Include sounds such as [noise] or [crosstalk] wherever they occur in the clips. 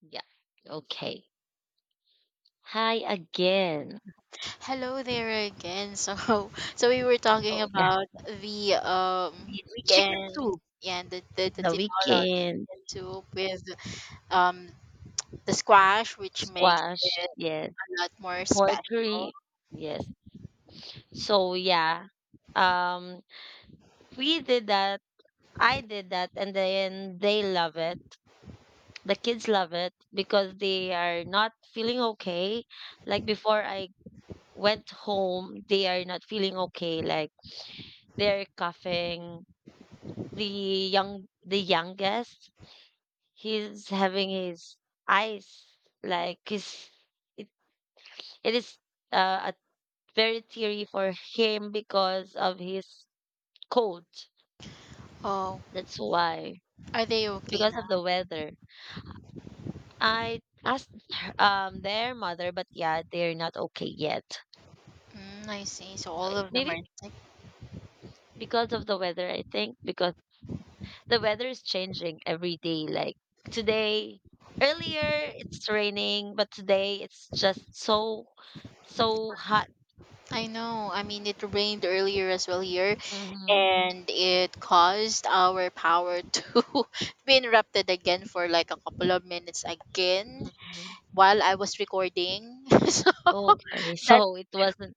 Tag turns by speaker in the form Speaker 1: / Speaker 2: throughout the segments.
Speaker 1: Yeah. Okay. Hi again.
Speaker 2: Hello there again. So, [laughs] so we were talking
Speaker 1: So yeah,
Speaker 2: about the
Speaker 1: it's chicken
Speaker 2: weekend,
Speaker 1: soup.
Speaker 2: yeah, and the
Speaker 1: The
Speaker 2: tinola or
Speaker 1: weekend
Speaker 2: chicken soup with um the squash, which makes
Speaker 1: squash. Yes.
Speaker 2: a lot more special.
Speaker 1: Mercury. Yes. So yeah. Um, we did that. I did that, and then they love it. The kids love it because they are not feeling okay. Like before I went home, they are not feeling okay. Like they're coughing. The youngest, he's having his eyes, like his it, it is a very teary for him because of his cold.
Speaker 2: Oh,
Speaker 1: That's why,
Speaker 2: are they
Speaker 1: it's
Speaker 2: okay
Speaker 1: because
Speaker 2: now?
Speaker 1: of the weather. I asked their mother, but yeah, they're not okay yet.
Speaker 2: Mm, I see. So
Speaker 1: So
Speaker 2: all of them
Speaker 1: maybe
Speaker 2: are intact.
Speaker 1: because of the weather. I think because the weather is changing every day. Like today, earlier it's raining, but today it's just so hot.
Speaker 2: I know. I mean, it rained earlier as well here,
Speaker 1: Mhm.
Speaker 2: and it caused our power to [laughs] be interrupted again for like a couple of minutes again
Speaker 1: Mhm.
Speaker 2: while I was recording. [laughs]
Speaker 1: Okay,
Speaker 2: That.
Speaker 1: so it wasn't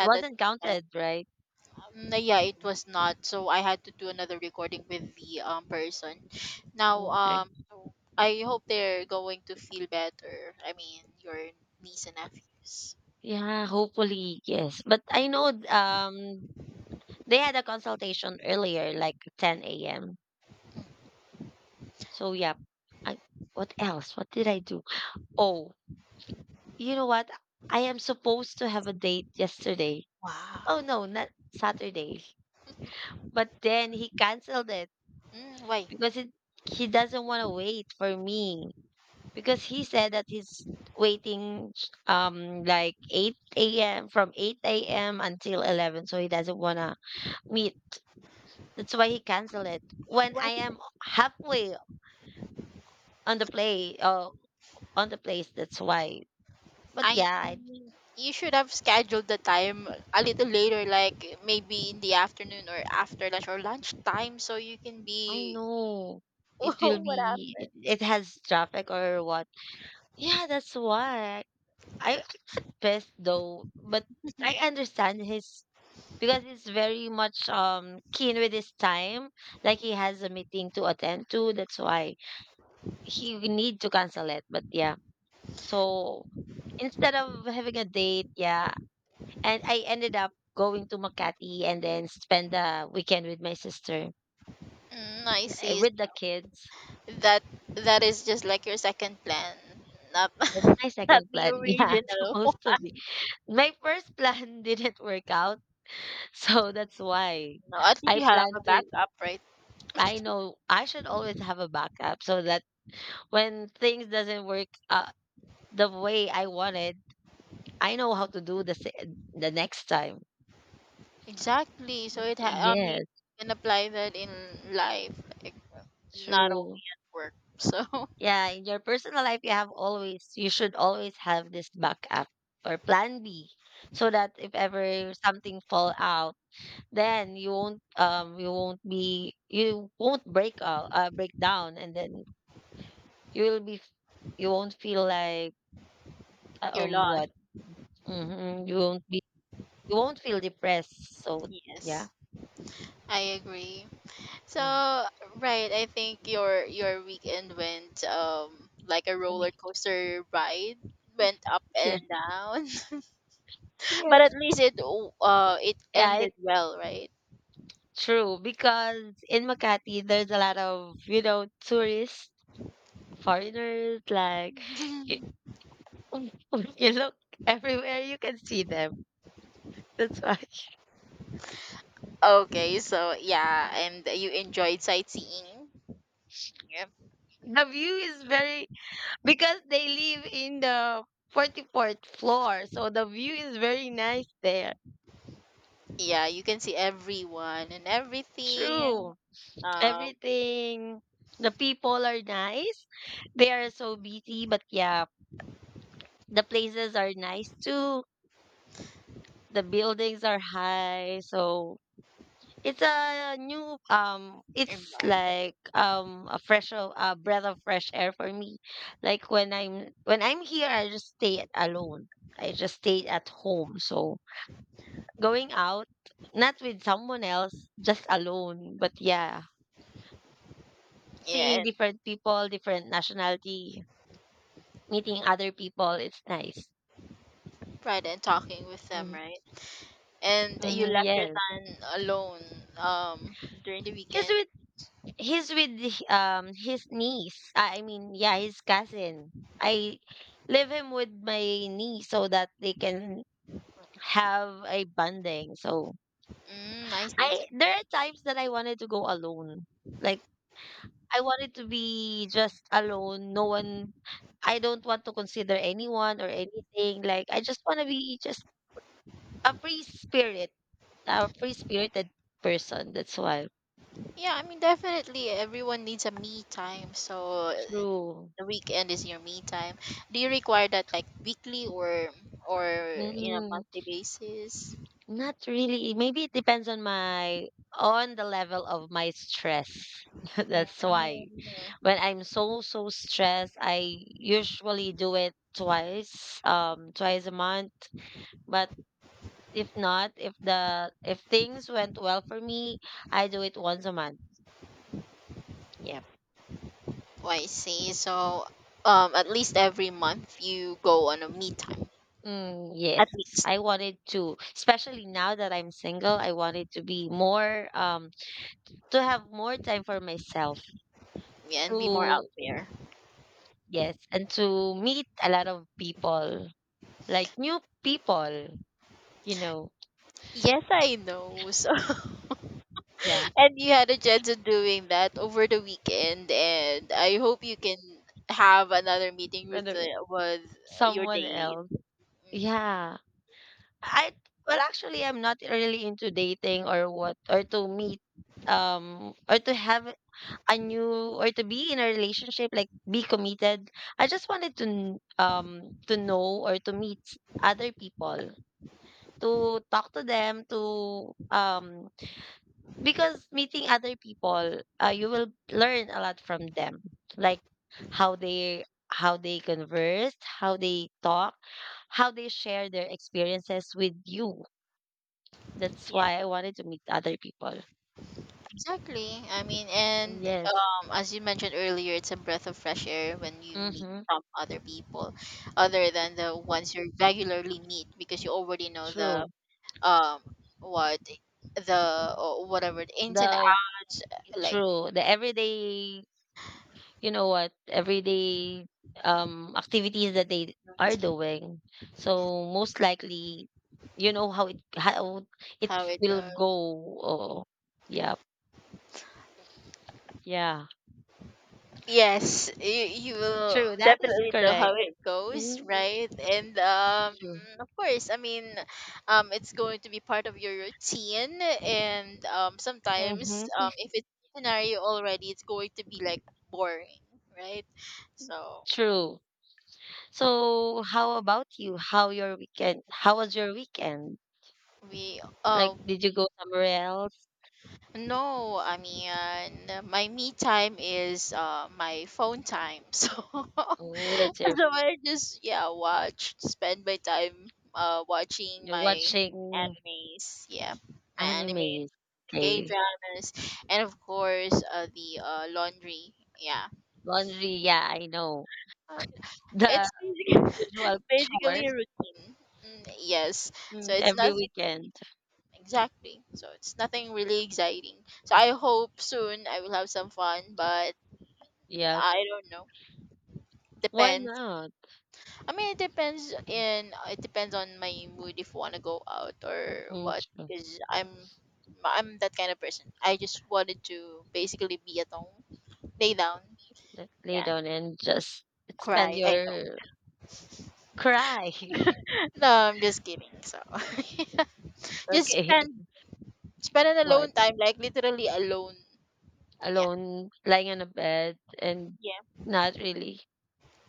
Speaker 1: it
Speaker 2: that
Speaker 1: wasn't
Speaker 2: yeah.
Speaker 1: counted, right?
Speaker 2: um, yeah, it was not. So I had to do another recording with the person now.
Speaker 1: Okay.
Speaker 2: So I hope they're going to feel better. I mean, your niece and nephews.
Speaker 1: Yeah, hopefully, yes. But I know they had a consultation earlier, like 10 a.m. So yeah. I, what else? What did I do? Oh, you know what? I am supposed to have a date yesterday.
Speaker 2: Wow.
Speaker 1: Oh no, not Saturday. But then he canceled it
Speaker 2: Mm, why?
Speaker 1: because he doesn't want to wait for me. Because he said that he's waiting like 8 a.m., from 8 a.m. until 11, so he doesn't wanna meet. That's why he canceled it. When
Speaker 2: Why?
Speaker 1: I am halfway on the on the place, that's why. But
Speaker 2: I
Speaker 1: yeah, I,
Speaker 2: You should have scheduled the time a little later, like maybe in the afternoon or after lunch or lunchtime, so you can
Speaker 1: I
Speaker 2: be.
Speaker 1: know
Speaker 2: [laughs]
Speaker 1: it will
Speaker 2: What
Speaker 1: be.
Speaker 2: happened?
Speaker 1: It has traffic or what? Yeah, that's why. I got pissed though, but I understand his because he's very much keen with his time. Like he has a meeting to attend to, that's why he need to cancel it. But yeah, so instead of having a date, yeah, and I ended up going to Makati and then spend the weekend with my sister,
Speaker 2: Mm, I see.
Speaker 1: with the kids.
Speaker 2: That that is just like your second plan, not
Speaker 1: That's
Speaker 2: [laughs]
Speaker 1: my
Speaker 2: not
Speaker 1: second
Speaker 2: the
Speaker 1: plan. [laughs] Yeah,
Speaker 2: original.
Speaker 1: supposed to be. My first plan [laughs] didn't work out, so that's why
Speaker 2: No, at least
Speaker 1: I
Speaker 2: you have a
Speaker 1: plan to
Speaker 2: backup, right?
Speaker 1: I know I should always have a backup so that when things doesn't work the way I wanted, I know how to do the next time.
Speaker 2: Exactly. I mean,
Speaker 1: Yes,
Speaker 2: you can apply that in life, like not only
Speaker 1: true.
Speaker 2: at work. [laughs] So
Speaker 1: Yeah, in your personal life, you should always have this backup or plan B, so that if ever something fall out, then you won't be you won't break break down, and then you will be f- you won't feel like
Speaker 2: you're lost.
Speaker 1: what. Mm-hmm, you won't feel depressed. So yeah.
Speaker 2: Yes, I agree. So
Speaker 1: Mm.
Speaker 2: right, I think your weekend went like a roller coaster ride, went up and
Speaker 1: Yes.
Speaker 2: down,
Speaker 1: [laughs]
Speaker 2: [laughs] but at
Speaker 1: Yes.
Speaker 2: least it it
Speaker 1: Yeah,
Speaker 2: ended
Speaker 1: it's
Speaker 2: well, right?
Speaker 1: true because in Makati there's a lot of tourists, foreigners, like
Speaker 2: [laughs]
Speaker 1: you, [laughs] you look everywhere, you can see them. That's why [laughs]
Speaker 2: Okay, so yeah, and you enjoyed sightseeing. Yep.
Speaker 1: the view is very, because they live in the 44th floor, so the view is very nice there.
Speaker 2: Yeah, you can see everyone and everything,
Speaker 1: True.
Speaker 2: um,
Speaker 1: Everything, the people are nice. They are so busy, but yeah, the places are nice too. The buildings are high, so it's a new it's
Speaker 2: environment.
Speaker 1: like a breath of fresh air for me. Like when I'm here, I just stay alone. I just stay at home, so going out, not with someone else, just alone. But yeah,
Speaker 2: Yeah,
Speaker 1: seeing
Speaker 2: and,
Speaker 1: different people, different nationality, meeting other people, it's nice.
Speaker 2: right, and talking with them,
Speaker 1: Mm-hmm.
Speaker 2: right? And you
Speaker 1: Mm-hmm,
Speaker 2: left your
Speaker 1: yes,
Speaker 2: son alone, um, during the
Speaker 1: because
Speaker 2: weekend.
Speaker 1: he's with his niece. I mean, yeah, his cousin. I leave him with my niece so that they can have a bonding. So
Speaker 2: Mm, I see too.
Speaker 1: I there are times that I wanted to go alone. Like I wanted to be just alone. No one. I don't want to consider anyone or anything. Like I just want to be just a free spirit, a free spirited person. That's why.
Speaker 2: Yeah, I mean, definitely everyone needs a me time, so
Speaker 1: True.
Speaker 2: the weekend is your me time. Do you require that like weekly or in a monthly basis?
Speaker 1: Not really. Maybe it depends on my on the level of my stress. [laughs] That's why
Speaker 2: Mm.
Speaker 1: when I'm so stressed, I usually do it twice, twice a month. But if not, if the if things went well for me, I do it once a month. Yep.
Speaker 2: Oh, I see. So, at least every month you go on a me time,
Speaker 1: Mm, yes,
Speaker 2: at least,
Speaker 1: I wanted to, especially now that I'm single, I wanted to be more, to have more time for myself,
Speaker 2: yeah, and be more out
Speaker 1: to.
Speaker 2: there.
Speaker 1: Yes, and to meet a lot of people, like new people, you know,
Speaker 2: Yes, I know. So, [laughs]
Speaker 1: yeah,
Speaker 2: and you had a chance of doing that over the weekend, and I hope you can have another meeting with
Speaker 1: rather
Speaker 2: with your
Speaker 1: someone
Speaker 2: date.
Speaker 1: else.
Speaker 2: Mm,
Speaker 1: Yeah. I Well, actually I'm not really into dating or what, or to meet um or to have a new or to be in a relationship, like be committed. I just wanted to to know or to meet other people, to talk to them, to because meeting other people, you will learn a lot from them, like how they converse, how they talk, how they share their experiences with you. That's
Speaker 2: yeah,
Speaker 1: why I wanted to meet other people.
Speaker 2: exactly. I mean, and
Speaker 1: Yes.
Speaker 2: as you mentioned earlier, it's a breath of fresh air when you meet
Speaker 1: Mm-hmm.
Speaker 2: some other people, other than the ones you regularly meet, because you already know the
Speaker 1: True.
Speaker 2: um what the or whatever the ins and
Speaker 1: The
Speaker 2: outs, like
Speaker 1: True. The everyday You know what, everyday activities that they are doing. So most likely you know how it
Speaker 2: how it
Speaker 1: will
Speaker 2: goes.
Speaker 1: go. Oh, yeah, yeah.
Speaker 2: Yes, you will
Speaker 1: True, that is
Speaker 2: definitely know how
Speaker 1: correct.
Speaker 2: it goes,
Speaker 1: Hmm.
Speaker 2: right? And
Speaker 1: True.
Speaker 2: of course, I mean, it's going to be part of your routine, and um sometimes
Speaker 1: Mm-hmm.
Speaker 2: um if it's a scenario already, it's going to be like boring, right? So
Speaker 1: True. So how about you? How your weekend? How was your weekend?
Speaker 2: we
Speaker 1: Like, did you go somewhere else?
Speaker 2: no, I mean, my me time is my phone time. [laughs] So,
Speaker 1: Oh, that's your
Speaker 2: so I just yeah watch, spend my time watching
Speaker 1: you're
Speaker 2: my
Speaker 1: watching
Speaker 2: animes. Yeah, my animes,
Speaker 1: animes.
Speaker 2: the gay
Speaker 1: Okay.
Speaker 2: dramas, and of course the laundry. Yeah.
Speaker 1: Laundry, yeah, I know.
Speaker 2: Uh,
Speaker 1: [laughs] The
Speaker 2: it's basically,
Speaker 1: usual
Speaker 2: [laughs] basically a
Speaker 1: chores,
Speaker 2: routine. Mm, yes, so it's
Speaker 1: every
Speaker 2: nothing
Speaker 1: weekend.
Speaker 2: exactly. So it's nothing really exciting. So I hope soon I will have some fun, but
Speaker 1: Yeah,
Speaker 2: I don't know.
Speaker 1: why
Speaker 2: Depends.
Speaker 1: not?
Speaker 2: I mean, it depends on my mood if want to go out or
Speaker 1: Mm,
Speaker 2: what.
Speaker 1: true.
Speaker 2: Cause I'm that kind of person. I just wanted to basically be at home, lay down,
Speaker 1: Lay
Speaker 2: yeah,
Speaker 1: down and just spend
Speaker 2: cry. I know.
Speaker 1: your
Speaker 2: [laughs]
Speaker 1: cry. [laughs]
Speaker 2: No, I'm just kidding. So [laughs] just
Speaker 1: Okay.
Speaker 2: spend spend an
Speaker 1: What?
Speaker 2: alone time, like literally alone. Yeah,
Speaker 1: Alone, lying on a bed and
Speaker 2: yeah.
Speaker 1: not really.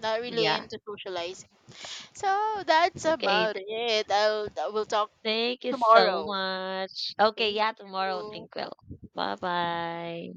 Speaker 2: Not really
Speaker 1: Yeah.
Speaker 2: into socializing. So that's
Speaker 1: Okay.
Speaker 2: about it. I will talk
Speaker 1: Thank you so
Speaker 2: tomorrow.
Speaker 1: much. Okay.
Speaker 2: Thank
Speaker 1: Yeah. Tomorrow.
Speaker 2: you.
Speaker 1: Think well. Bye bye.